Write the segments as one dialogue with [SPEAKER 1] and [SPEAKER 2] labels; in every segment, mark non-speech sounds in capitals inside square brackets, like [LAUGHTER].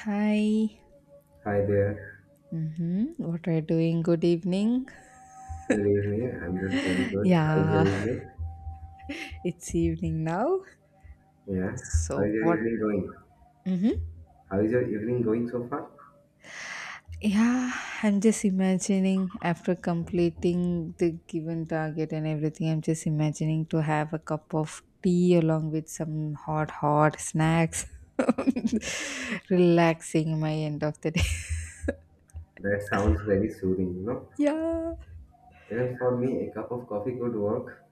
[SPEAKER 1] Hi.
[SPEAKER 2] Hi there.
[SPEAKER 1] Mm-hmm. What are you doing? Good evening.
[SPEAKER 2] Good evening. I'm just doing good. How is
[SPEAKER 1] Yeah,
[SPEAKER 2] your evening?
[SPEAKER 1] [LAUGHS] it's evening now.
[SPEAKER 2] Yeah. How is
[SPEAKER 1] So
[SPEAKER 2] your
[SPEAKER 1] what?
[SPEAKER 2] evening going?
[SPEAKER 1] Mm-hmm.
[SPEAKER 2] How is your evening going so far?
[SPEAKER 1] Yeah, I'm just imagining after completing the given target and everything. I'm just imagining to have a cup of tea along with some hot, hot snacks, [LAUGHS] relaxing my end of the day.
[SPEAKER 2] That sounds very soothing.
[SPEAKER 1] [LAUGHS] Yeah.
[SPEAKER 2] Even for me, a cup of coffee could work.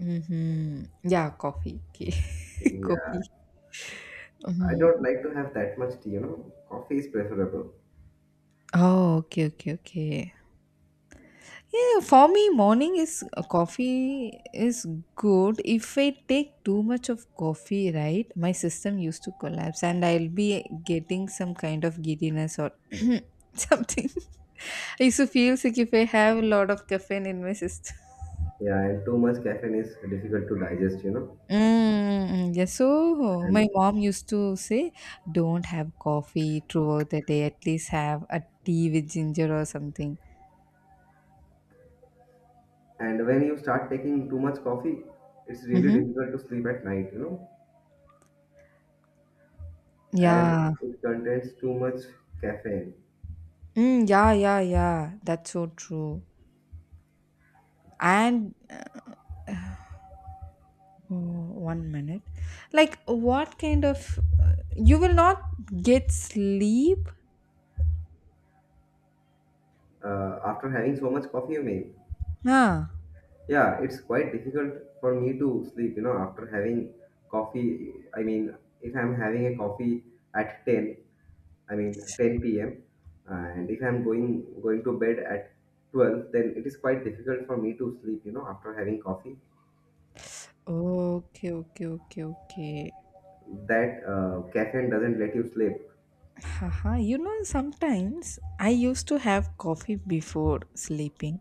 [SPEAKER 1] Mm-hmm. Yeah, coffee. Okay. [LAUGHS] Coffee.
[SPEAKER 2] Yeah. I don't
[SPEAKER 1] Mhm.
[SPEAKER 2] like to have that much tea. Coffee is preferable.
[SPEAKER 1] Oh, okay, okay, okay. Yeah, for me, morning is coffee is good. If I take too much of coffee, right, my system used to collapse, and I'll be getting some kind of giddiness or [CLEARS THROAT] something. [LAUGHS] I used to feel sick if I have a lot of caffeine in my system.
[SPEAKER 2] Yeah, and too much caffeine is difficult to digest.
[SPEAKER 1] Mm, yeah, so
[SPEAKER 2] And
[SPEAKER 1] my mom used to say, don't have coffee throughout the day, at least have a tea with ginger or something.
[SPEAKER 2] and when you start taking too much coffee, it's really
[SPEAKER 1] Mm-hmm.
[SPEAKER 2] difficult to sleep at night, as
[SPEAKER 1] Yeah.
[SPEAKER 2] it contains too much caffeine.
[SPEAKER 1] Mm, yeah, yeah, yeah. That's so true. And oh, one minute. Like, what kind of. You will not get sleep?
[SPEAKER 2] After having so much coffee, you may.
[SPEAKER 1] Ah.
[SPEAKER 2] Yeah, it's quite difficult for me to sleep, after having coffee. I mean, if I'm having a coffee at 10, I mean 10 p.m., and if I'm going to bed at 12, then it is quite difficult for me to sleep, after having coffee.
[SPEAKER 1] Okay, okay, okay, okay.
[SPEAKER 2] That caffeine doesn't let you sleep.
[SPEAKER 1] Haha. You know, sometimes I used to have coffee before sleeping.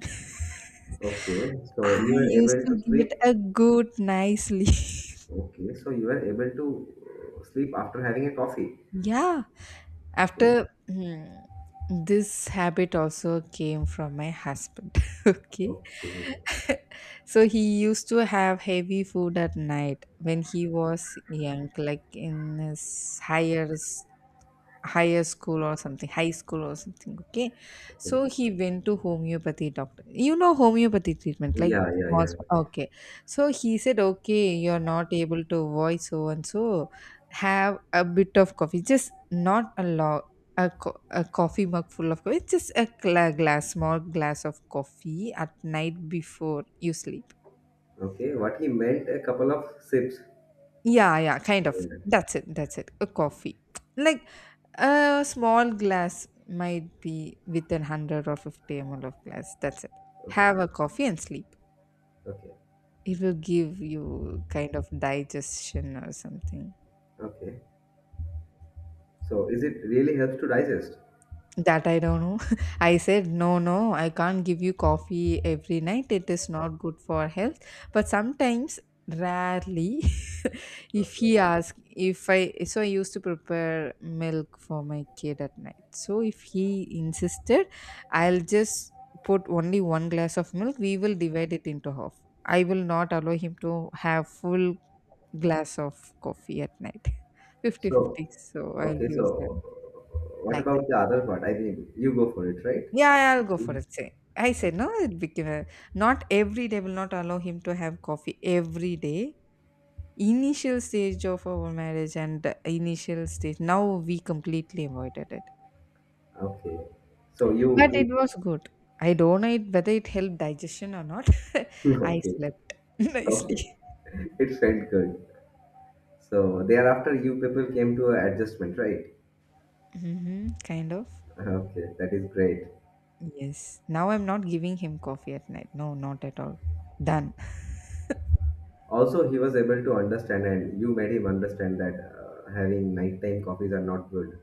[SPEAKER 2] Okay,
[SPEAKER 1] [LAUGHS]
[SPEAKER 2] so you
[SPEAKER 1] I
[SPEAKER 2] are
[SPEAKER 1] used
[SPEAKER 2] able
[SPEAKER 1] to
[SPEAKER 2] to sleep.
[SPEAKER 1] get a good nice sleep. [LAUGHS]
[SPEAKER 2] Okay, so you are able to sleep after having a coffee.
[SPEAKER 1] Yeah.
[SPEAKER 2] Okay,
[SPEAKER 1] After hmm, this habit also came from my husband. [LAUGHS] Okay.
[SPEAKER 2] okay.
[SPEAKER 1] [LAUGHS] So he used to have heavy food at night when he was young, like in his higher school or something, high school or something. Okay. So he went to homeopathy doctor, you know, homeopathy treatment, like
[SPEAKER 2] Yeah, yeah, yeah. Right.
[SPEAKER 1] Okay. So he said, okay, you're not able to voice, so and so, have a bit of coffee, just not a lot. A a coffee mug full of coffee, just a glass, small glass of coffee at night before you sleep.
[SPEAKER 2] Okay, what he meant a couple of sips.
[SPEAKER 1] Yeah, yeah, kind of.
[SPEAKER 2] Yeah,
[SPEAKER 1] That's it. That's it. A coffee. [TSK] Like a small glass might be within 100 or 50 ml of glass. That's it.
[SPEAKER 2] okay,
[SPEAKER 1] Have a coffee and sleep.
[SPEAKER 2] okay,
[SPEAKER 1] It will give you kind of digestion or something.
[SPEAKER 2] okay. So is it really helps to digest?
[SPEAKER 1] That I don't know. [LAUGHS] I said, no, no, I can't give you coffee every night. It is not good for health. But sometimes, rarely, [LAUGHS] if
[SPEAKER 2] Okay.
[SPEAKER 1] he asks, if I, so I used to prepare milk for my kid at night. So if he insisted, I'll just put only one glass of milk. We will divide it into half. I will not allow him to have full glass of coffee at night. [LAUGHS]
[SPEAKER 2] So,
[SPEAKER 1] Fifty-fifty. So I'll
[SPEAKER 2] okay,
[SPEAKER 1] be okay.
[SPEAKER 2] so what
[SPEAKER 1] Like
[SPEAKER 2] about the other part? I mean, you go for it, right?
[SPEAKER 1] yeah, yeah, I'll go for
[SPEAKER 2] Yeah.
[SPEAKER 1] it. Say, I said no. It became a, not every day. Will not allow him to have coffee every day. Initial stage of our marriage and the initial stage. Now we completely avoided it,
[SPEAKER 2] Okay. So you
[SPEAKER 1] but it was good. I don't know it, whether it helped digestion or not. [LAUGHS]
[SPEAKER 2] people,
[SPEAKER 1] I
[SPEAKER 2] [LAUGHS] okay,
[SPEAKER 1] slept [LAUGHS] nicely.
[SPEAKER 2] okay. It felt good. So thereafter, you people came to an adjustment, right?
[SPEAKER 1] Hmm, kind of.
[SPEAKER 2] Okay, that is great.
[SPEAKER 1] Yes. Now I'm not giving him coffee at night. No, not at all. Done.
[SPEAKER 2] Also, he was able to understand, and you made him understand that having nighttime coffees are not good.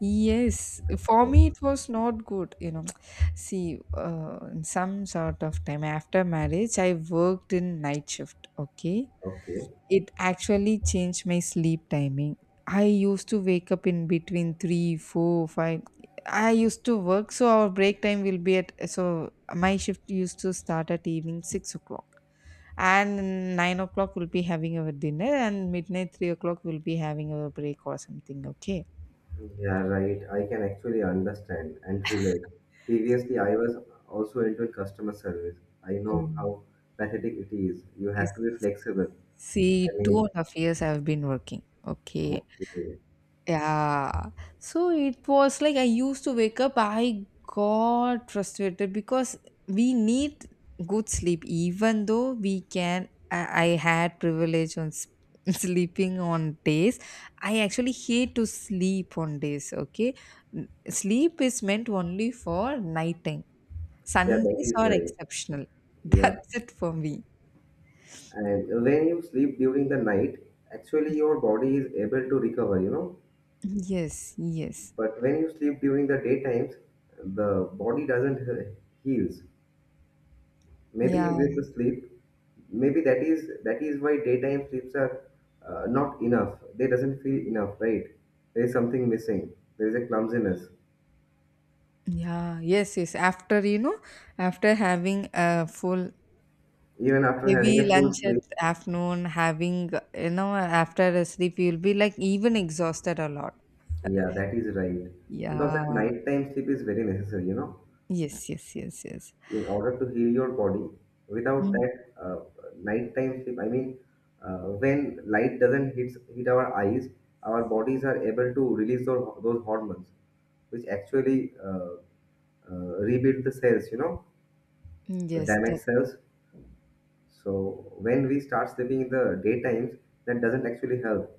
[SPEAKER 1] Yes, for
[SPEAKER 2] So,
[SPEAKER 1] me it was not good. You know, [TSK] see, in some sort of time after marriage, I worked in night shift. Okay,
[SPEAKER 2] okay.
[SPEAKER 1] it actually changed my sleep timing. I used to wake up in between three, four, five. I used to work, so our break time will be at, so my shift used to start at evening 6 o'clock, and 9 o'clock we'll be having our dinner, and midnight 3 o'clock we'll be having our break or something. Okay.
[SPEAKER 2] Yeah, right. I can actually understand and relate. Previously, I was also into customer service. I know how pathetic it is. You
[SPEAKER 1] Is
[SPEAKER 2] have to be flexible. I
[SPEAKER 1] See,
[SPEAKER 2] mean,
[SPEAKER 1] 2.5 years I've been working. Okay.
[SPEAKER 2] okay.
[SPEAKER 1] Yeah. So it was like I used to wake up, I got frustrated because we need good sleep, even though we can. I had privilege on [LAUGHS] sleeping on days. I actually hate to sleep on days. Okay. Sleep is meant only for nighttime.
[SPEAKER 2] Yeah, that
[SPEAKER 1] Sundays
[SPEAKER 2] is
[SPEAKER 1] are
[SPEAKER 2] right.
[SPEAKER 1] exceptional. [LAUGHS]
[SPEAKER 2] Yeah.
[SPEAKER 1] That's it for me.
[SPEAKER 2] And when you sleep during the night, actually your body is able to recover.
[SPEAKER 1] Yes, yes.
[SPEAKER 2] But when you sleep during the daytimes, the body doesn't heals. Maybe you
[SPEAKER 1] Yeah,
[SPEAKER 2] get to sleep, maybe that is why daytime sleeps are not enough, they doesn't feel enough, right? There is something missing, there is a clumsiness
[SPEAKER 1] yeah, yes, yes. After, you know, after having a full
[SPEAKER 2] even after having
[SPEAKER 1] heavy
[SPEAKER 2] a full
[SPEAKER 1] lunch at
[SPEAKER 2] sleep.
[SPEAKER 1] afternoon, having, you know, after a sleep, you'll be like even exhausted a lot.
[SPEAKER 2] Yeah, that is right, because that
[SPEAKER 1] Yeah.
[SPEAKER 2] nighttime sleep is very necessary
[SPEAKER 1] Yes, yes, yes, yes.
[SPEAKER 2] in order to heal your body. Without
[SPEAKER 1] Mm.
[SPEAKER 2] that nighttime sleep, I mean, when light doesn't hit our eyes, our bodies are able to release those hormones, which actually rebuild the cells, the
[SPEAKER 1] Yes,
[SPEAKER 2] damaged cells. So when we start sleeping in the daytimes, that doesn't actually help.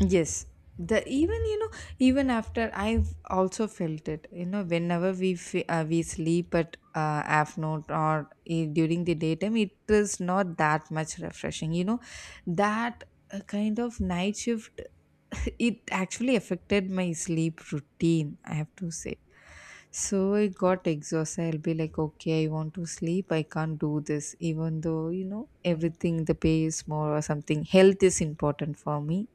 [SPEAKER 1] yes, the even you know even after I've also felt it. You know, whenever we sleep at afternoon or during the daytime, it is not that much refreshing. You know, that kind of night shift, [LAUGHS] it actually affected my sleep routine. I have to say. So I got exhausted. I'll be like, okay, I want to sleep. I can't do this, even though you know everything, the pay is more or something. Health is important for me.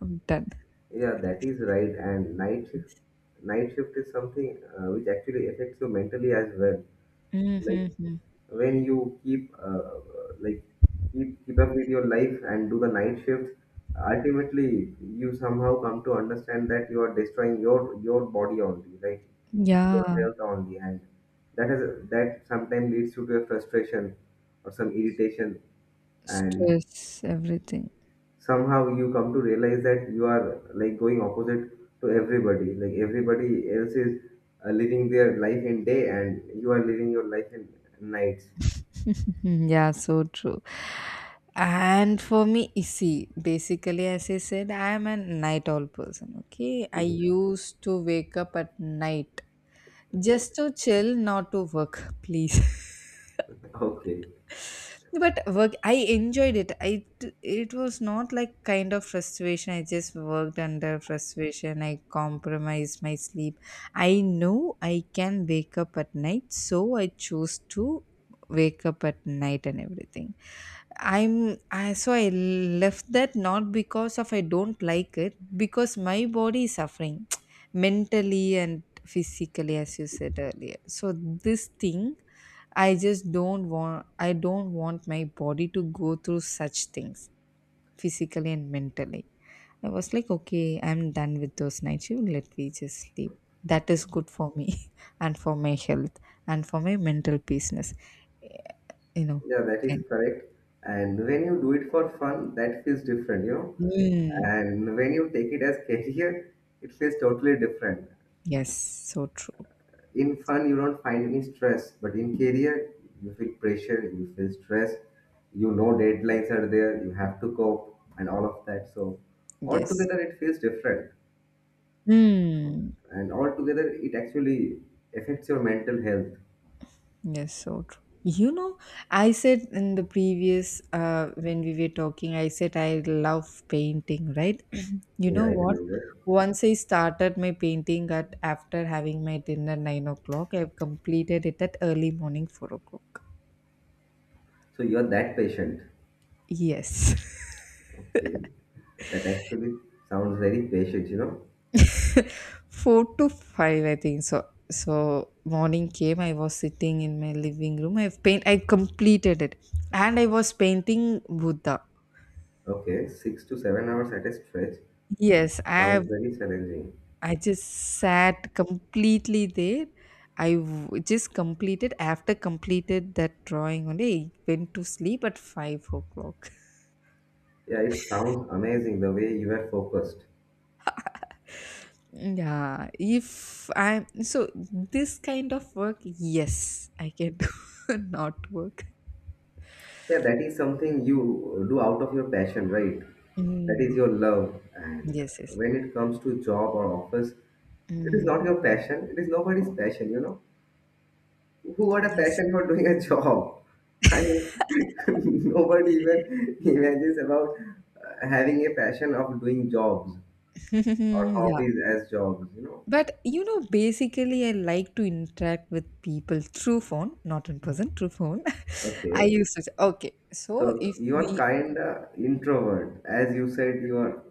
[SPEAKER 1] I'm done.
[SPEAKER 2] Yeah, that is right. And night shift is something which actually affects you mentally as well. Like,
[SPEAKER 1] Mhm.
[SPEAKER 2] when you keep like, keep up with your life and do the night shifts, ultimately you somehow come to understand that you are destroying your body only, right? Your
[SPEAKER 1] Yeah,
[SPEAKER 2] health only. And that has that sometimes leads you to a frustration or some irritation. And
[SPEAKER 1] stress, everything.
[SPEAKER 2] somehow you come to realize that you are like going opposite to everybody, like everybody else is living their life in day and you are living your life in nights.
[SPEAKER 1] [LAUGHS] Yeah, so true. And for me, you see, basically, as I said, I am a night owl person. Okay, I
[SPEAKER 2] Mhm.
[SPEAKER 1] used to wake up at night
[SPEAKER 2] Okay.
[SPEAKER 1] just to chill, not to work, [LAUGHS] please.
[SPEAKER 2] Okay,
[SPEAKER 1] But work, I enjoyed it. It was not like kind of frustration. I just worked under frustration. I compromised my sleep. I know I can wake up at night, so I chose to wake up at night and everything. So I left that not because of I don't like it, because my body is suffering [TSK] mentally and physically, as you said earlier. So this thing, I don't want my body to go through such things physically and mentally. I was like, okay, I'm done with those night shift. Let me just sleep. That is good for me [LAUGHS] and for my health and for my mental peaceness. You know.
[SPEAKER 2] yeah, that is
[SPEAKER 1] And,
[SPEAKER 2] correct. And when you do it for fun, that feels different.
[SPEAKER 1] mm,
[SPEAKER 2] And when you take it as [LAUGHS] career, it feels totally different.
[SPEAKER 1] yes, so true.
[SPEAKER 2] In fun, you don't find any stress, but in career, you feel pressure, you feel stress, you know deadlines are there, you have to cope, and all of that. So,
[SPEAKER 1] Yes.
[SPEAKER 2] altogether, it feels different,
[SPEAKER 1] Mm,
[SPEAKER 2] and altogether, it actually affects your mental health.
[SPEAKER 1] yes, so true. You know, I said in the previous when we were talking, I said I love painting, right? You
[SPEAKER 2] Yeah,
[SPEAKER 1] know
[SPEAKER 2] I
[SPEAKER 1] what?
[SPEAKER 2] remember.
[SPEAKER 1] Once I started my painting at after having my dinner 9 o'clock, I've completed it at early morning 4 o'clock.
[SPEAKER 2] So, you're that patient.
[SPEAKER 1] Yes.
[SPEAKER 2] Okay. That actually sounds very patient.
[SPEAKER 1] [LAUGHS] Four to five, I think so. So morning came, I was sitting in my living room, I completed it, and I was painting Buddha.
[SPEAKER 2] Okay, 6 to 7 hours at a stretch
[SPEAKER 1] Yes, I have.
[SPEAKER 2] sounds very challenging.
[SPEAKER 1] I just sat completely there. Just completed after completed that drawing only. I went to sleep at 5 o'clock. [LAUGHS]
[SPEAKER 2] Yeah, it sounds amazing the way you are focused.
[SPEAKER 1] Yeah, if I'm so this kind of work, yes, I can do. [LAUGHS] Not work.
[SPEAKER 2] Yeah, that is something you do out of your passion, right? That
[SPEAKER 1] Mm,
[SPEAKER 2] is your love. And
[SPEAKER 1] yes, yes,
[SPEAKER 2] when it comes to job or office, it is
[SPEAKER 1] mm,
[SPEAKER 2] not your passion. It is nobody's passion. Who got a
[SPEAKER 1] yes,
[SPEAKER 2] passion for doing a job? I mean, [LAUGHS] nobody even imagines about having a passion of doing jobs, or
[SPEAKER 1] [LAUGHS] yeah.
[SPEAKER 2] hobbies as jobs.
[SPEAKER 1] But you know, basically, I like to interact with people through phone, not in person, through phone. [LAUGHS] I
[SPEAKER 2] Okay.
[SPEAKER 1] used to say, okay, so
[SPEAKER 2] So
[SPEAKER 1] if
[SPEAKER 2] you are
[SPEAKER 1] we.
[SPEAKER 2] kind of introvert. As you said, you are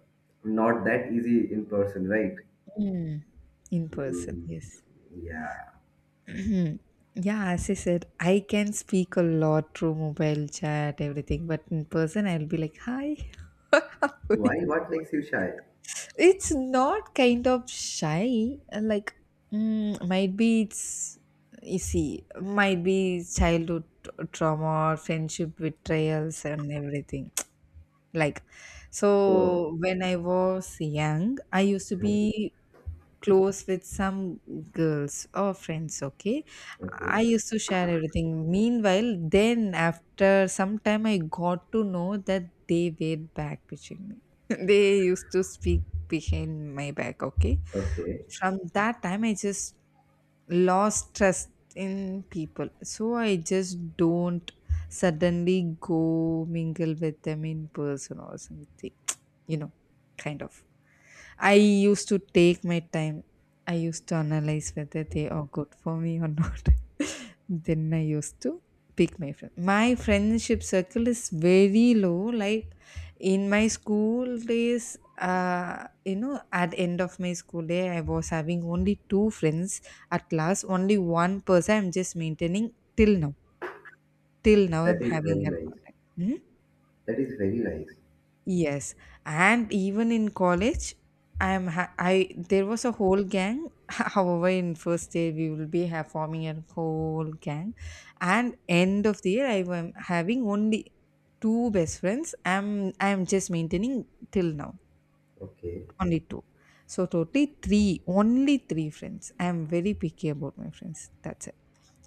[SPEAKER 2] not that easy in person, right?
[SPEAKER 1] Mm, in person,
[SPEAKER 2] Mm,
[SPEAKER 1] yes.
[SPEAKER 2] yeah.
[SPEAKER 1] [CLEARS THROAT] Yeah, as I said, I can speak a lot through mobile chat, everything, but in person, I'll be like, hi. [LAUGHS]
[SPEAKER 2] Why? What makes you shy?
[SPEAKER 1] It's not kind of shy, like, mm, might be you see, might be childhood trauma or friendship betrayals and everything. [TSK] Like,
[SPEAKER 2] So,
[SPEAKER 1] so when I was young, I used to
[SPEAKER 2] mhm,
[SPEAKER 1] be close with some girls or friends. Okay. I
[SPEAKER 2] okay.
[SPEAKER 1] used to share everything. Meanwhile, then, after some time, I got to know that they were back pitching me. [LAUGHS] They used to speak behind my back. Okay.
[SPEAKER 2] Okay.
[SPEAKER 1] From that time, I just lost trust in people, so I just don't suddenly go mingle with them in person or something. [TSK] You know, kind of. I used to take my time. I used to analyze whether they are good for me or not. [LAUGHS] Then I used to pick my friend. My friendship circle is very low. Like in my school days, you know, at end of my school day, I was having only two friends at class. Only one person I'm just maintaining till now. Till now,
[SPEAKER 2] That
[SPEAKER 1] I'm
[SPEAKER 2] is
[SPEAKER 1] having
[SPEAKER 2] very
[SPEAKER 1] her
[SPEAKER 2] nice.
[SPEAKER 1] contact. Mhm.
[SPEAKER 2] That is very nice.
[SPEAKER 1] Yes, and even in college, I am ha- I there was a whole gang. [LAUGHS] However, in first year we will be forming a whole gang, and end of the year I am having only two best friends. I'm just maintaining till now,
[SPEAKER 2] Okay.
[SPEAKER 1] only two, so totally three, only three friends. I'm very picky about my friends. That's it.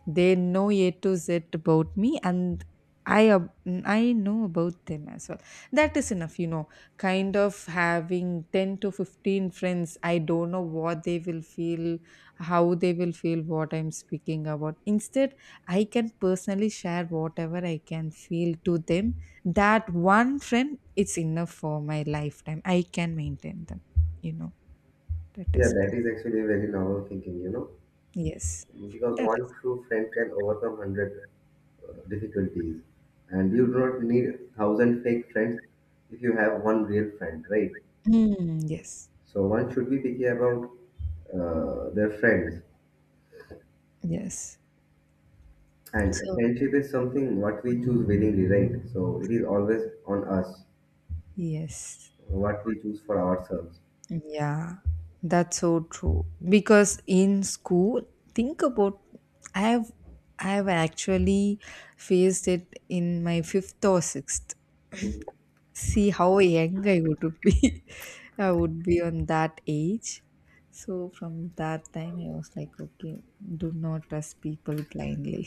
[SPEAKER 1] They know A to Z about me, and I ab- I know about them as well. That is enough, you know. Kind of having 10 to 15 friends, I don't know what they will feel, how they will feel what I'm speaking about. Instead, I can personally share whatever I can feel to them. That one friend, it's enough for my lifetime. I can maintain them, you know. That
[SPEAKER 2] Yeah,
[SPEAKER 1] is,
[SPEAKER 2] that is actually a very normal thinking,
[SPEAKER 1] yes,
[SPEAKER 2] because
[SPEAKER 1] that is,
[SPEAKER 2] one true friend can overcome 100 difficulties, and you do not need 1,000 fake friends if you have one real friend, right?
[SPEAKER 1] mm, yes,
[SPEAKER 2] So one should be picky about their friends.
[SPEAKER 1] yes.
[SPEAKER 2] And
[SPEAKER 1] So,
[SPEAKER 2] friendship is something what we choose willingly, right? So it is always on us
[SPEAKER 1] yes.
[SPEAKER 2] what we choose for ourselves.
[SPEAKER 1] Yeah. That's so true. Because in school, think about, I have I have actually faced it in my fifth or sixth.
[SPEAKER 2] Mhm.
[SPEAKER 1] See how young I would be. [LAUGHS] I would be on that age. So from that time I was like, okay, do not trust people blindly.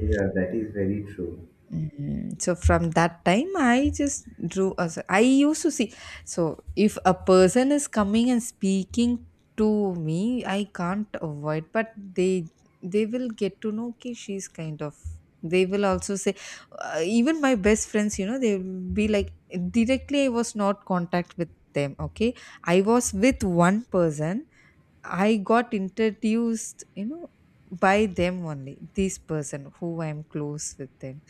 [SPEAKER 2] Yeah, that is very true.
[SPEAKER 1] Mm, so from that time I just drew as I used to see. So if a person is coming and speaking to me, I can't avoid, but they will get to know, okay, she's kind of, they will also say, even my best friends, you know, they will be like, directly I was not contact with them. Okay, I was with one person. I got introduced, you know, by them only, this person who I am close with them.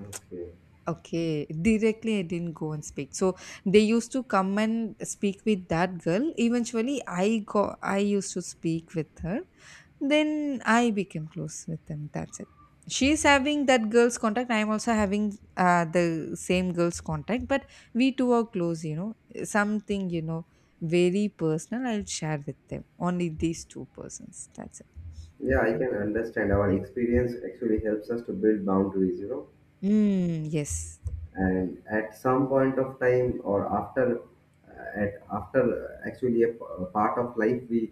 [SPEAKER 2] Okay.
[SPEAKER 1] Okay, directly I didn't go and speak. So they used to come and speak with that girl. Eventually, I go. I used to speak with her. Then I became close with them. That's it. She's having that girl's contact. I'm also having the same girl's contact. But we two are close. You know, something very personal. I'll share with them. Only these two persons. That's it.
[SPEAKER 2] Yeah, I can understand. Our
[SPEAKER 1] Yes.
[SPEAKER 2] experience actually helps us to build boundaries.
[SPEAKER 1] Mm, yes.
[SPEAKER 2] And at some point of time, or after, at after actually a part of life, we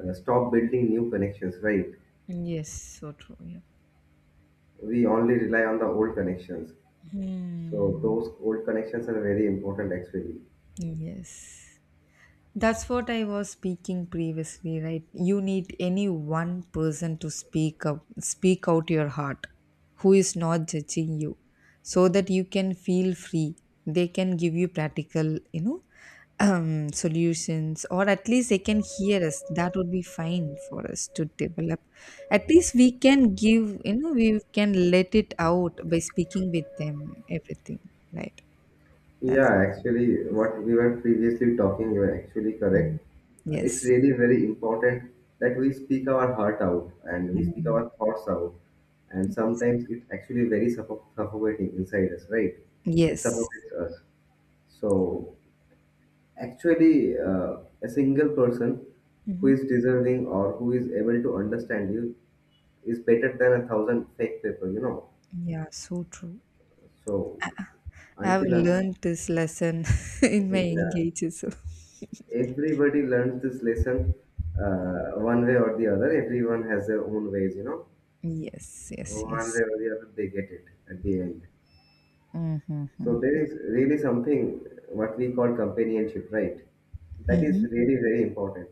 [SPEAKER 2] stop building new connections, right?
[SPEAKER 1] Yes, so true. Yeah.
[SPEAKER 2] We only rely on the old connections. So
[SPEAKER 1] Hmm.
[SPEAKER 2] those old connections are very important actually.
[SPEAKER 1] Yes. That's what I was speaking previously, right? You need any one person to speak up, speak out your heart, who is not judging you, so that you can feel free. They can give you practical, you know, [CLEARS THROAT] solutions, or at least they can hear us. That would be fine for us to develop. At least we can give, you know, we can let it out by speaking with them, everything, right? That's
[SPEAKER 2] Yeah, actually, what we were previously talking, you are actually
[SPEAKER 1] mm,
[SPEAKER 2] correct. It's
[SPEAKER 1] yes.
[SPEAKER 2] really very important that we speak our heart out and we speak
[SPEAKER 1] Mm.
[SPEAKER 2] our thoughts out. And sometimes it's actually very suffocating inside us, right? It
[SPEAKER 1] Yes.
[SPEAKER 2] suffocates us. So actually, a single person who
[SPEAKER 1] Hmm.
[SPEAKER 2] is deserving or who is able to understand you is better than a thousand fake people.
[SPEAKER 1] Yeah, so true.
[SPEAKER 2] So
[SPEAKER 1] I've
[SPEAKER 2] until.
[SPEAKER 1] learned this lesson [LAUGHS] in my
[SPEAKER 2] Yeah,
[SPEAKER 1] engages. So.
[SPEAKER 2] everybody learns this lesson one way or the other. Everyone has their own ways, you know.
[SPEAKER 1] Yes, yes,
[SPEAKER 2] One way
[SPEAKER 1] yes.
[SPEAKER 2] or the other, they get it at the end.
[SPEAKER 1] Mm-hmm.
[SPEAKER 2] So there is really something what we call companionship, right? That is
[SPEAKER 1] Mm-hmm.
[SPEAKER 2] really very important.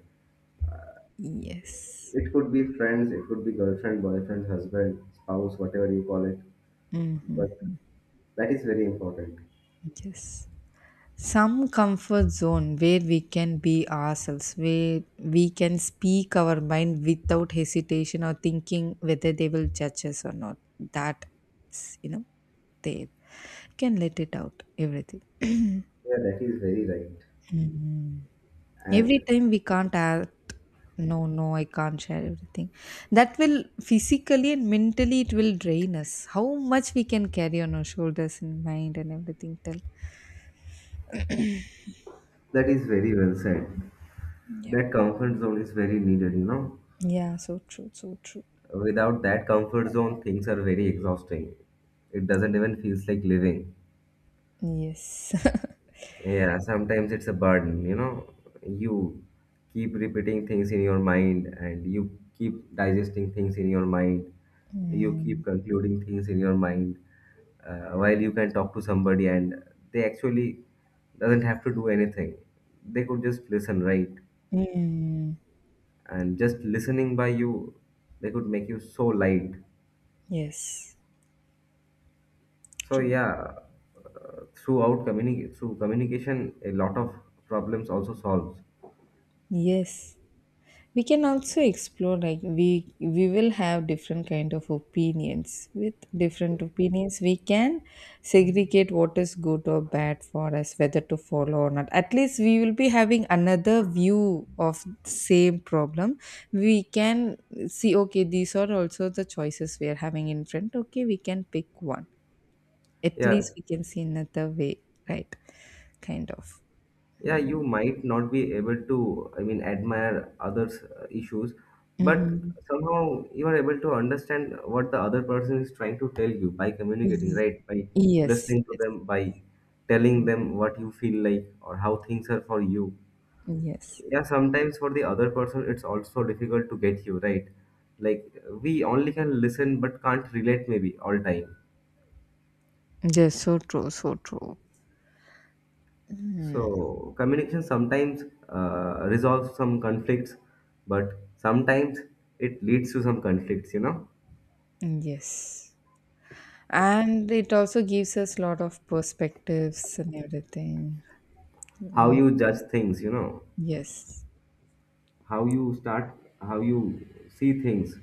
[SPEAKER 1] Yes.
[SPEAKER 2] It could be friends, it could be girlfriend, boyfriend, husband, spouse, whatever you call it.
[SPEAKER 1] Mm-hmm.
[SPEAKER 2] But that is very important.
[SPEAKER 1] Yes. Some comfort zone where we can be ourselves, where we can speak our mind without hesitation or thinking whether they will judge us or not. That, you know, they can let it out, everything.
[SPEAKER 2] Yeah, that is very right.
[SPEAKER 1] [CLEARS THROAT]
[SPEAKER 2] And
[SPEAKER 1] Every time we can't act, no, I can't share everything. That will physically and mentally it will drain us. How much we can carry on our shoulders and mind and everything till.
[SPEAKER 2] that is very well said. That comfort zone is very needed.
[SPEAKER 1] Yeah, so true, so true.
[SPEAKER 2] Without that comfort zone, things are very exhausting. It doesn't even feels like living.
[SPEAKER 1] Yes. [LAUGHS]
[SPEAKER 2] Yeah, sometimes it's a burden, you know. You keep repeating things in your mind and you keep digesting things in your mind. You keep
[SPEAKER 1] Mm.
[SPEAKER 2] concluding things in your mind while you can talk to somebody and they actually doesn't have to do anything. They could just listen, right?
[SPEAKER 1] Mm.
[SPEAKER 2] And just listening by you, they could make you so light.
[SPEAKER 1] Yes.
[SPEAKER 2] So
[SPEAKER 1] True.
[SPEAKER 2] yeah, through communication, a lot of problems also solves.
[SPEAKER 1] Yes. We can also explore, like, we will have different kind of opinions. With different opinions we can segregate what is good or bad for us, whether to follow or not. At least we will be having another view of same problem. We can see, okay, these are also the choices we are having in front. Okay, we can pick one. At
[SPEAKER 2] Yeah,
[SPEAKER 1] least we can see another way, right, kind of.
[SPEAKER 2] yeah, you might not be able to, I mean, admire others' issues, but
[SPEAKER 1] Hmm.
[SPEAKER 2] somehow you are able to understand what the other person is trying to tell you by communicating, right? By
[SPEAKER 1] Yes,
[SPEAKER 2] listening to
[SPEAKER 1] yes,
[SPEAKER 2] them, by telling them what you feel like or how things are for you.
[SPEAKER 1] yes.
[SPEAKER 2] Yeah, sometimes for the other person it's also difficult to get you, right? Like, we only can listen but can't relate maybe all time.
[SPEAKER 1] Yes, so true, so true.
[SPEAKER 2] So communication sometimes resolves some conflicts, but sometimes it leads to some conflicts.
[SPEAKER 1] Yes. And it also gives us lot of perspectives and everything.
[SPEAKER 2] How you judge things,
[SPEAKER 1] Yes.
[SPEAKER 2] how you start, how you see things.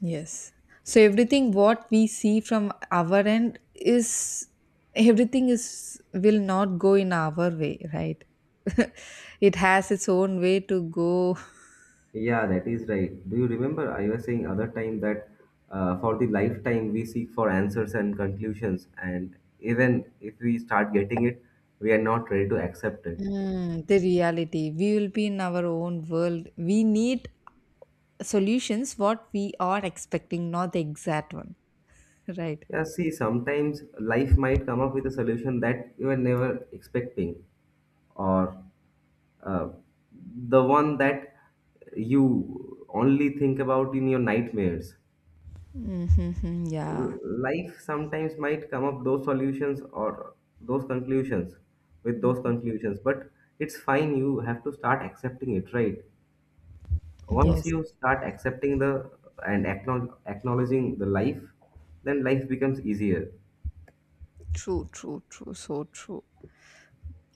[SPEAKER 1] Yes. So everything what we see from our end is, everything is will not go in our way, right? [LAUGHS] It has its own way to go.
[SPEAKER 2] Yeah, that is right. Do you remember I was saying other time that, for the lifetime we seek for answers and conclusions, and even if we start getting it, we are not ready to accept it.
[SPEAKER 1] Mm, [LAUGHS] the reality. We will be in our own world. We need solutions what we are expecting, not the exact one, [LAUGHS] right?
[SPEAKER 2] Yeah, see, sometimes life might come up with a solution that you were never expecting, or uh, the one that you only think about in your nightmares.
[SPEAKER 1] Mm-hmm, yeah.
[SPEAKER 2] L- life sometimes might come up those solutions or those conclusions, with those conclusions. But it's fine, you have to start accepting it, right? Once
[SPEAKER 1] Yes.
[SPEAKER 2] you start accepting the and acknowledging the life, then life becomes easier.
[SPEAKER 1] True, true, true. So true.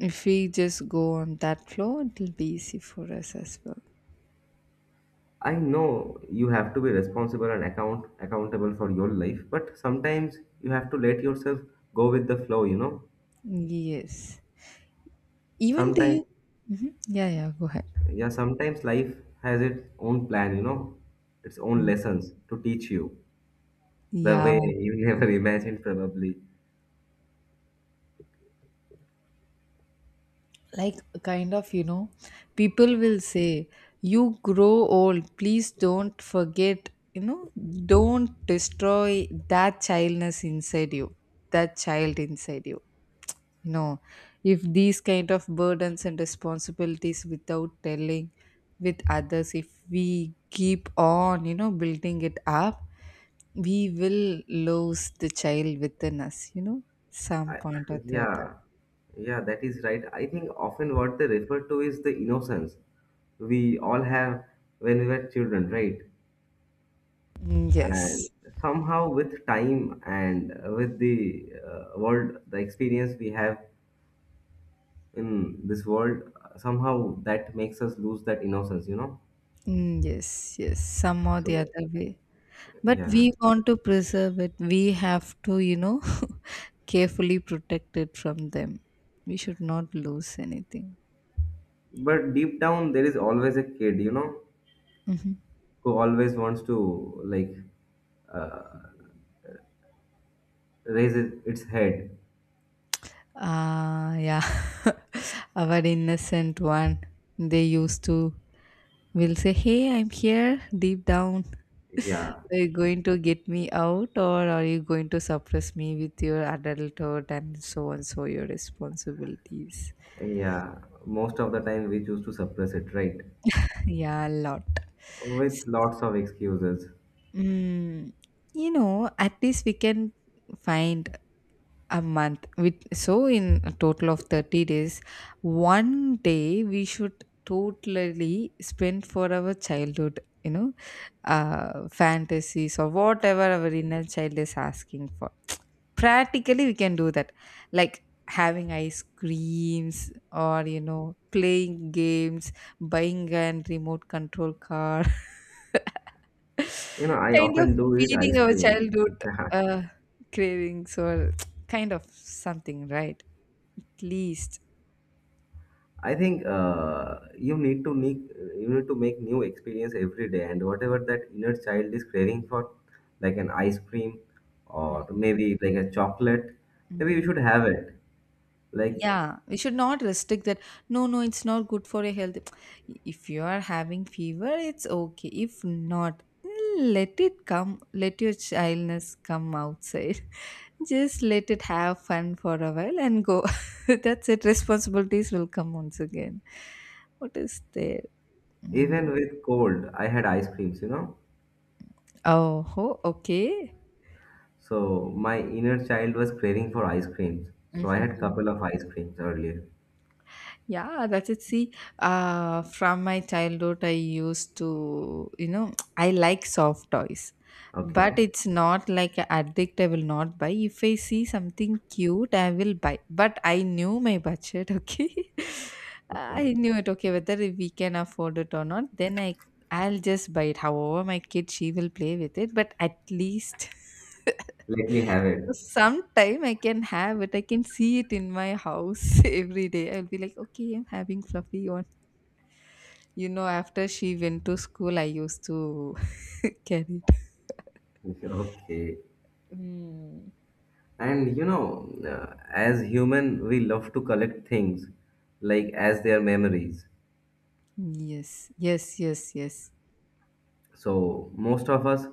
[SPEAKER 1] If we just go on that flow, it'll be easy for us as well.
[SPEAKER 2] I know you have to be responsible and accountable for your life, but sometimes you have to let yourself go with the flow, you know.
[SPEAKER 1] Yes. Even the.
[SPEAKER 2] Sometimes,
[SPEAKER 1] Hmm. Yeah, yeah. Go ahead.
[SPEAKER 2] yeah, sometimes life has its own plan, its own lessons to teach you, the way
[SPEAKER 1] Yeah.
[SPEAKER 2] you never [LAUGHS] imagined probably.
[SPEAKER 1] Like, kind of, you know, people will say, you grow old. Please don't forget, you know, don't destroy that childness inside you, that child inside you. You know, if these kind of burdens and responsibilities without telling with others, if we keep on, you know, building it up, we will lose the child within us, you know, some
[SPEAKER 2] I,
[SPEAKER 1] point or the other.
[SPEAKER 2] yeah, yeah, that is right. I think often what they refer to is the innocence we all have when we were children, right?
[SPEAKER 1] Mm,
[SPEAKER 2] And
[SPEAKER 1] yes.
[SPEAKER 2] somehow with time and with the world, the experience we have in this world, somehow that makes us lose that innocence.
[SPEAKER 1] Mm, yes, yes, some or
[SPEAKER 2] So
[SPEAKER 1] the other way. But we
[SPEAKER 2] yeah.
[SPEAKER 1] want to preserve it, we have to, you know, [LAUGHS] carefully protect it from them. We should not lose anything.
[SPEAKER 2] But deep down there is always a kid
[SPEAKER 1] Mm-hmm.
[SPEAKER 2] who always wants to, like, uh, raise its head.
[SPEAKER 1] Ah, yeah. [LAUGHS] Our innocent one. They used to will say, "Hey, I'm here." Deep down,
[SPEAKER 2] Yeah,
[SPEAKER 1] are you going to get me out, or are you going to suppress me with your adulthood and so on? So your responsibilities. [LAUGHS]
[SPEAKER 2] yeah. Most of the time we choose to suppress it, right?
[SPEAKER 1] Yeah, a lot. S-
[SPEAKER 2] With lots of excuses.
[SPEAKER 1] mm, you know, at least we can find a month with so in a total of 30 days, one day we should totally spend for our childhood, you know, fantasies or whatever our inner child is asking for. Practically we can do that, like having ice creams, or you know, playing games, buying a remote control car, [LAUGHS]
[SPEAKER 2] I
[SPEAKER 1] kind of
[SPEAKER 2] often do eat
[SPEAKER 1] feeding
[SPEAKER 2] ice
[SPEAKER 1] our
[SPEAKER 2] cream.
[SPEAKER 1] childhood uh, cravings or [TSK] kind of something, right, at least.
[SPEAKER 2] [LAUGHS] I think, you need to make new experience every day, and whatever that inner child is craving for, like an ice cream or
[SPEAKER 1] Mhm,
[SPEAKER 2] maybe like a chocolate, maybe you
[SPEAKER 1] mhm.
[SPEAKER 2] should have it. Like,
[SPEAKER 1] Yeah, we should not restrict that. No, no, it's not good for your health. [TSK] If you are having fever, it's okay. If not, let it come. Let your childness come outside. [LAUGHS] Just let it have fun for a while and go. [LAUGHS] That's it. Responsibilities will come once again. What is there? Mm.
[SPEAKER 2] even with cold, I had ice creams.
[SPEAKER 1] Oh, ho, okay.
[SPEAKER 2] So my inner child was craving for ice creams. So I had couple
[SPEAKER 1] [LAUGHS]
[SPEAKER 2] of ice creams earlier.
[SPEAKER 1] Yeah, that's it. See, from my childhood, I used to, you know, [TSK] I like soft toys,
[SPEAKER 2] Okay,
[SPEAKER 1] but it's not like an addict. I will not buy. If I see something cute, I will buy. But I knew my budget, [LAUGHS] okay?
[SPEAKER 2] okay.
[SPEAKER 1] I knew it, okay, whether we can afford it or not, I'll just buy it. However, my kid, she will play with it, but at least. [LAUGHS]
[SPEAKER 2] Let me have it.
[SPEAKER 1] Sometime I can have it. I can see it in my house [LAUGHS] every day. I'll be like, okay, I'm having fluffy one. You know, after she went to school, I used to [LAUGHS] carry it.
[SPEAKER 2] [LAUGHS] Okay.
[SPEAKER 1] Mm.
[SPEAKER 2] And you know, as human, we love to collect things like as their memories.
[SPEAKER 1] Yes, yes, yes, yes.
[SPEAKER 2] So most of us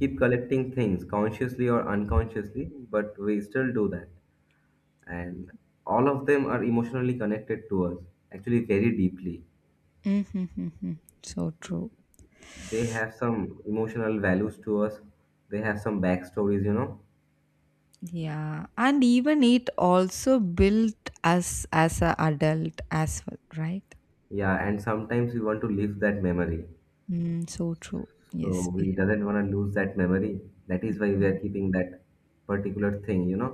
[SPEAKER 2] keep collecting things consciously or unconsciously, but we still do that. And all of them are emotionally connected to us, actually very deeply.
[SPEAKER 1] Mm-hmm. So true.
[SPEAKER 2] They have some emotional values to us, they have some backstories, you know.
[SPEAKER 1] Yeah, and even it also built us as a adult as well, right?
[SPEAKER 2] Yeah, and sometimes we want to live that memory,
[SPEAKER 1] Mm, so true. Yes,
[SPEAKER 2] so
[SPEAKER 1] we
[SPEAKER 2] we
[SPEAKER 1] have.
[SPEAKER 2] doesn't want to lose that memory. That is why we are
[SPEAKER 1] Been.
[SPEAKER 2] keeping that particular thing, you know,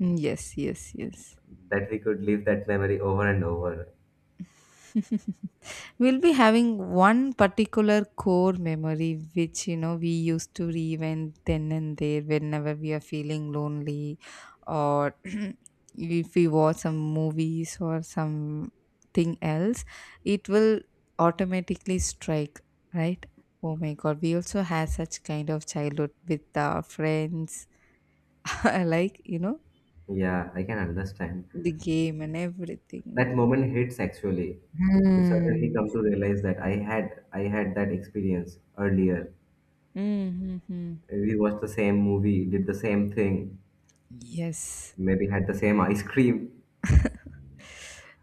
[SPEAKER 1] Mm, yes, yes, yes.
[SPEAKER 2] that we could live that memory over and over.
[SPEAKER 1] [LAUGHS] We'll be having one particular core memory which you know we used to reinvent then and there whenever we are feeling lonely, or [CLEARS THROAT] if we watch some movies or something else, it will automatically strike, right? Oh my god, we also had such kind of childhood with our friends, [LAUGHS] like you know,
[SPEAKER 2] Yeah, I can understand.
[SPEAKER 1] the game and everything,
[SPEAKER 2] That
[SPEAKER 1] even.
[SPEAKER 2] moment hits actually. You suddenly
[SPEAKER 1] Hmm.
[SPEAKER 2] come to realize that I had that experience earlier.
[SPEAKER 1] Mm-hmm.
[SPEAKER 2] We watched the same movie, did the same thing,
[SPEAKER 1] Yes.
[SPEAKER 2] maybe had the same ice cream.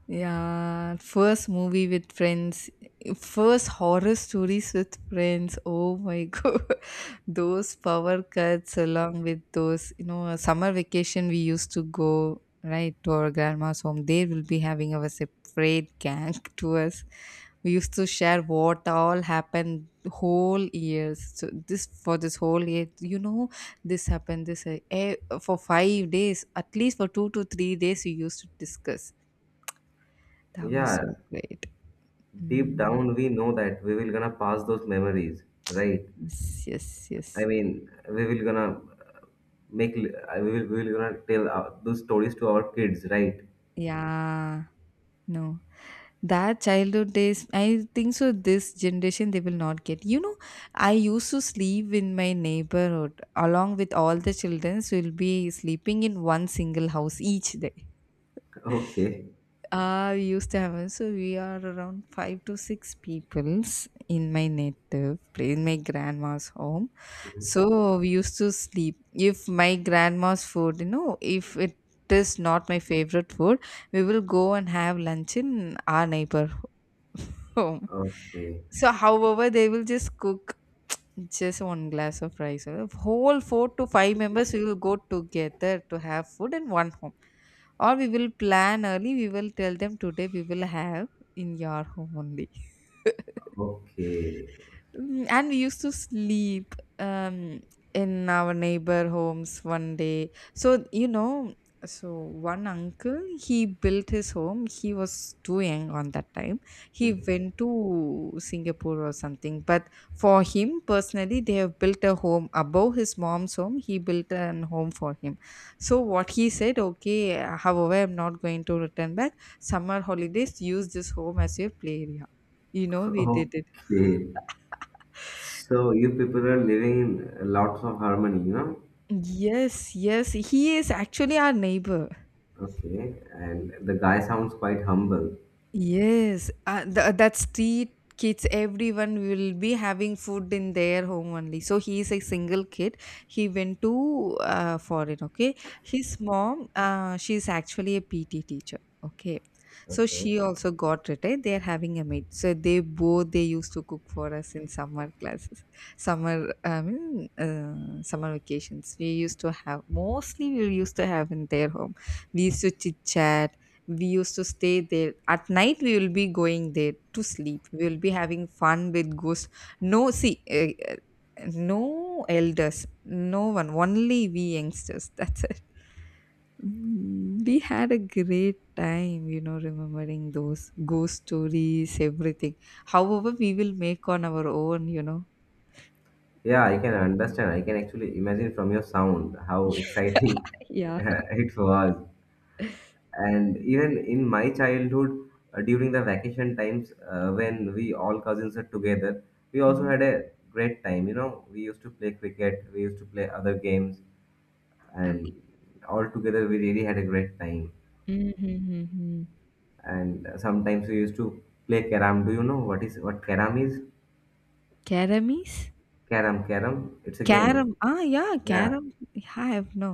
[SPEAKER 1] Yeah, first movie with friends, first horror stories with friends. Oh my [LAUGHS] god, those power cuts along with those, you know, summer vacation we used to go right to our grandma's home. They will be having our separate gang [LAUGHS] tours. We used to share what all happened whole years. So this for this whole year, you know, this happened this ha- eh, for 5 days, at least for 2 to 3 days we used to discuss. That was
[SPEAKER 2] Yeah,
[SPEAKER 1] so great.
[SPEAKER 2] deep
[SPEAKER 1] Mm.
[SPEAKER 2] down we know that we will gonna pass those memories, right?
[SPEAKER 1] Yes, yes, yes.
[SPEAKER 2] I mean, we will gonna make li- I we will gonna tell our, those stories to our kids, right?
[SPEAKER 1] Yeah. No, that childhood days, I think so this generation they will not get, you know. I used to sleep in my neighborhood along with all the children, so we'll be sleeping in one single house each day.
[SPEAKER 2] [LAUGHS] okay.
[SPEAKER 1] I used to have one. So we are around five to six peoples in my native place, in my grandma's home.
[SPEAKER 2] Mhm.
[SPEAKER 1] So we used to sleep. If my grandma's food, you know, if it is not my favorite food, we will go and have lunch in our neighbor home.
[SPEAKER 2] Okay,
[SPEAKER 1] So, however, they will just cook just one glass of rice. Whole four to five members we will go together to have food in one home, or we will plan early, we will tell them today we will have in your home only. [LAUGHS]
[SPEAKER 2] okay.
[SPEAKER 1] Mm, and we used to sleep in our neighbor homes one day. So you know, so one uncle, he built his home, he was too young on that time. He
[SPEAKER 2] Mhm.
[SPEAKER 1] went to Singapore or something, but for him personally they have built a home above his mom's home, he built an home for him. So what he said, okay, however I'm not going to return back, summer holidays use this home as your play area. You know, we did it.
[SPEAKER 2] Okay, so you people are living in lots of harmony, you know.
[SPEAKER 1] Yes, yes, he is actually our neighbor.
[SPEAKER 2] Okay, and the guy sounds quite humble.
[SPEAKER 1] Yes, that street kids, everyone will be having food in their home only. So he is a single kid. He went to foreign. Okay, his mom, she is actually a PT teacher. Okay, so
[SPEAKER 2] Okay,
[SPEAKER 1] she also got retired. They are having a maid. So they both they used to cook for us in summer classes, summer I mean summer vacations. We used to have, mostly we used to have in their home. We used to chit chat, we used to stay there at night, we will be going there to sleep, we will be having fun with ghosts. No see, no elders, no one, only we youngsters. [LAUGHS] That's it. Mm, we had a great time, you know, remembering those ghost stories, everything, however we will make on our own, you know.
[SPEAKER 2] yeah, I can understand. I can actually imagine from your sound how exciting [LAUGHS]
[SPEAKER 1] Yeah.
[SPEAKER 2] it was. And even in my childhood, during the vacation times, when we all cousins are together, we also
[SPEAKER 1] Mhm.
[SPEAKER 2] had a great time. You know, we used to play cricket, we used to play other games, and
[SPEAKER 1] Okay.
[SPEAKER 2] all together we really had a great time.
[SPEAKER 1] Mm-hmm.
[SPEAKER 2] And sometimes we used to play karam. Do you know what karam is?
[SPEAKER 1] Caramis.
[SPEAKER 2] Karam, karam. It's a
[SPEAKER 1] Caram,
[SPEAKER 2] game.
[SPEAKER 1] ah yeah,
[SPEAKER 2] Yeah.
[SPEAKER 1] caram. Yeah, I have no.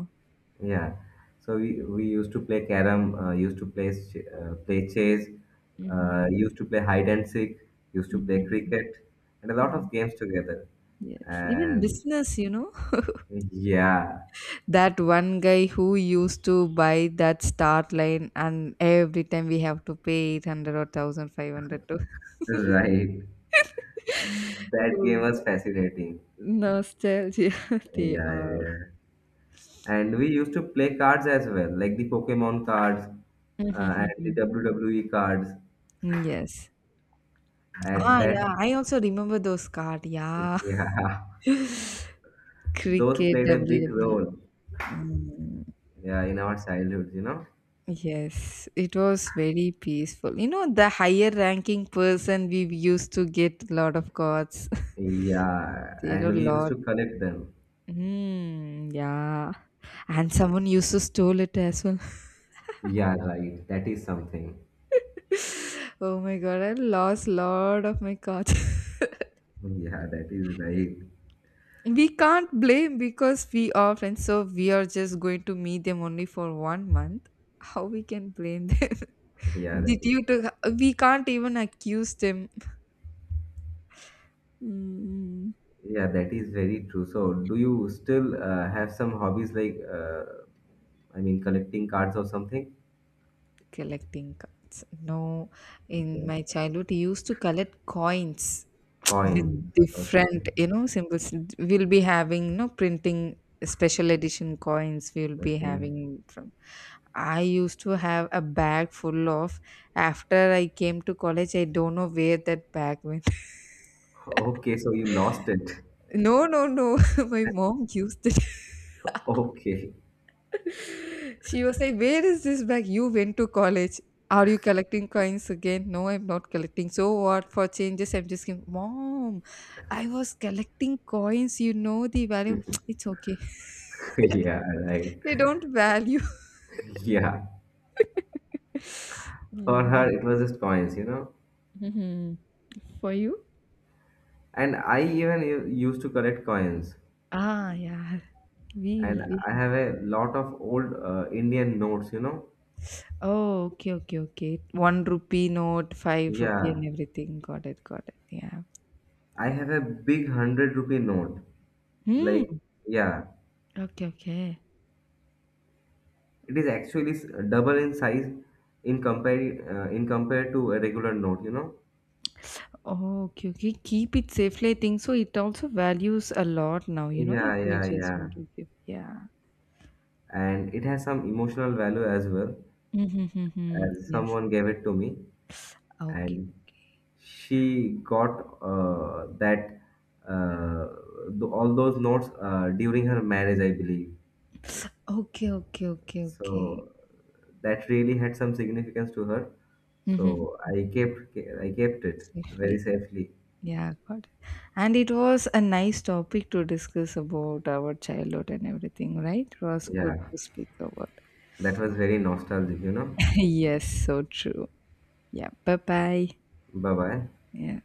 [SPEAKER 2] Yeah, so we used to play carom, used to play play chess, used to play hide and seek, used to play
[SPEAKER 1] Mm-hmm.
[SPEAKER 2] cricket, and a lot of games together.
[SPEAKER 1] Yes, even
[SPEAKER 2] And
[SPEAKER 1] business, you know,
[SPEAKER 2] yeah,
[SPEAKER 1] that one guy who used to buy that start line, and every time we have to pay 800 or 1500 to.
[SPEAKER 2] [LAUGHS] right. That game
[SPEAKER 1] Oh,
[SPEAKER 2] was fascinating.
[SPEAKER 1] nostalgia. [LAUGHS] They
[SPEAKER 2] Yeah,
[SPEAKER 1] are,
[SPEAKER 2] yeah. And we used to play cards as well, like the Pokemon cards
[SPEAKER 1] mhm,
[SPEAKER 2] and the
[SPEAKER 1] mhm.
[SPEAKER 2] WWE cards.
[SPEAKER 1] Yes.
[SPEAKER 2] At
[SPEAKER 1] Ah,
[SPEAKER 2] that,
[SPEAKER 1] yeah, I also remember those cards. Yeah,
[SPEAKER 2] yeah,
[SPEAKER 1] [LAUGHS]
[SPEAKER 2] [LAUGHS] those
[SPEAKER 1] cricket,
[SPEAKER 2] played a big
[SPEAKER 1] WWE.
[SPEAKER 2] role,
[SPEAKER 1] Mm,
[SPEAKER 2] yeah, in our childhood, you know.
[SPEAKER 1] yes, it was very peaceful. You know, the higher ranking person, we used to get a lot of cards. [LAUGHS]
[SPEAKER 2] Yeah,
[SPEAKER 1] There are a
[SPEAKER 2] and we used
[SPEAKER 1] lot.
[SPEAKER 2] to collect them.
[SPEAKER 1] Hmm, yeah. And someone used to stole it as well.
[SPEAKER 2] Yeah, right. That is something.
[SPEAKER 1] [LAUGHS] Oh my god, I lost lot of my cards.
[SPEAKER 2] Yeah, that is right.
[SPEAKER 1] [LAUGHS] We can't blame because we are friends, so we are just going to meet them only for one month. How we can blame them?
[SPEAKER 2] Yeah,
[SPEAKER 1] [LAUGHS] Did
[SPEAKER 2] that is
[SPEAKER 1] you
[SPEAKER 2] right.
[SPEAKER 1] to, we can't even accuse them. Mm,
[SPEAKER 2] Yeah, that is very true. So, do you still have some hobbies like I mean, collecting cards or something?
[SPEAKER 1] collecting cards. No, in
[SPEAKER 2] Okay,
[SPEAKER 1] my childhood, I used to collect coins with
[SPEAKER 2] coins. Okay,
[SPEAKER 1] different, you know, symbols. We'll be having, you know, printing special edition coins we'll be
[SPEAKER 2] okay,
[SPEAKER 1] having from. I used to have a bag full of. After I came to college, I don't know where that bag went.
[SPEAKER 2] okay. So you lost it. [LAUGHS]
[SPEAKER 1] [LAUGHS] No, no, no, [LAUGHS] my mom used it.
[SPEAKER 2] Okay,
[SPEAKER 1] [LAUGHS] She was like, where is this bag, you went to college, are you collecting coins again? No, I'm not collecting, so what for changes, I'm just going, mom, I was collecting coins, you know, the value. [SNIFFS] [TSK] It's okay.
[SPEAKER 2] [LAUGHS] yeah, right.
[SPEAKER 1] They don't value.
[SPEAKER 2] [LAUGHS] Yeah,
[SPEAKER 1] [LAUGHS]
[SPEAKER 2] for her
[SPEAKER 1] Mhm.
[SPEAKER 2] it was just coins, you know.
[SPEAKER 1] Mhm. For you?
[SPEAKER 2] And I even used to collect coins.
[SPEAKER 1] Ah, yeah. We
[SPEAKER 2] And
[SPEAKER 1] will be.
[SPEAKER 2] I have a lot of old Indian notes, you know.
[SPEAKER 1] Oh, okay, okay, okay. One rupee note, five rupee,
[SPEAKER 2] Yeah,
[SPEAKER 1] and everything. Got it, got it. Yeah.
[SPEAKER 2] I have a big hundred rupee note.
[SPEAKER 1] Hmm.
[SPEAKER 2] Like, yeah,
[SPEAKER 1] Okay, okay.
[SPEAKER 2] it is actually double in size in compare to a regular note, you know.
[SPEAKER 1] Oh, okay, okay. Keep it safely. I think so. It also values a lot now, you know, if
[SPEAKER 2] Yeah,
[SPEAKER 1] you
[SPEAKER 2] yeah,
[SPEAKER 1] just
[SPEAKER 2] yeah,
[SPEAKER 1] want to give. Yeah.
[SPEAKER 2] and it has some emotional value as well.
[SPEAKER 1] Mm-hmm.
[SPEAKER 2] As
[SPEAKER 1] Yes.
[SPEAKER 2] someone gave it to me,
[SPEAKER 1] Okay.
[SPEAKER 2] and she got that uh, all those notes during her marriage, I believe.
[SPEAKER 1] Okay, okay, okay, okay.
[SPEAKER 2] So that really had some significance to her.
[SPEAKER 1] Mm-hmm.
[SPEAKER 2] So I kept it very
[SPEAKER 1] Safely.
[SPEAKER 2] safely.
[SPEAKER 1] Yeah, got it. And it was a nice topic to discuss about our childhood and everything, right? It was good
[SPEAKER 2] Yeah,
[SPEAKER 1] to speak about.
[SPEAKER 2] that was very nostalgic, you know.
[SPEAKER 1] [LAUGHS] Yes, so true. Yeah, bye bye.
[SPEAKER 2] Bye bye.
[SPEAKER 1] Yeah.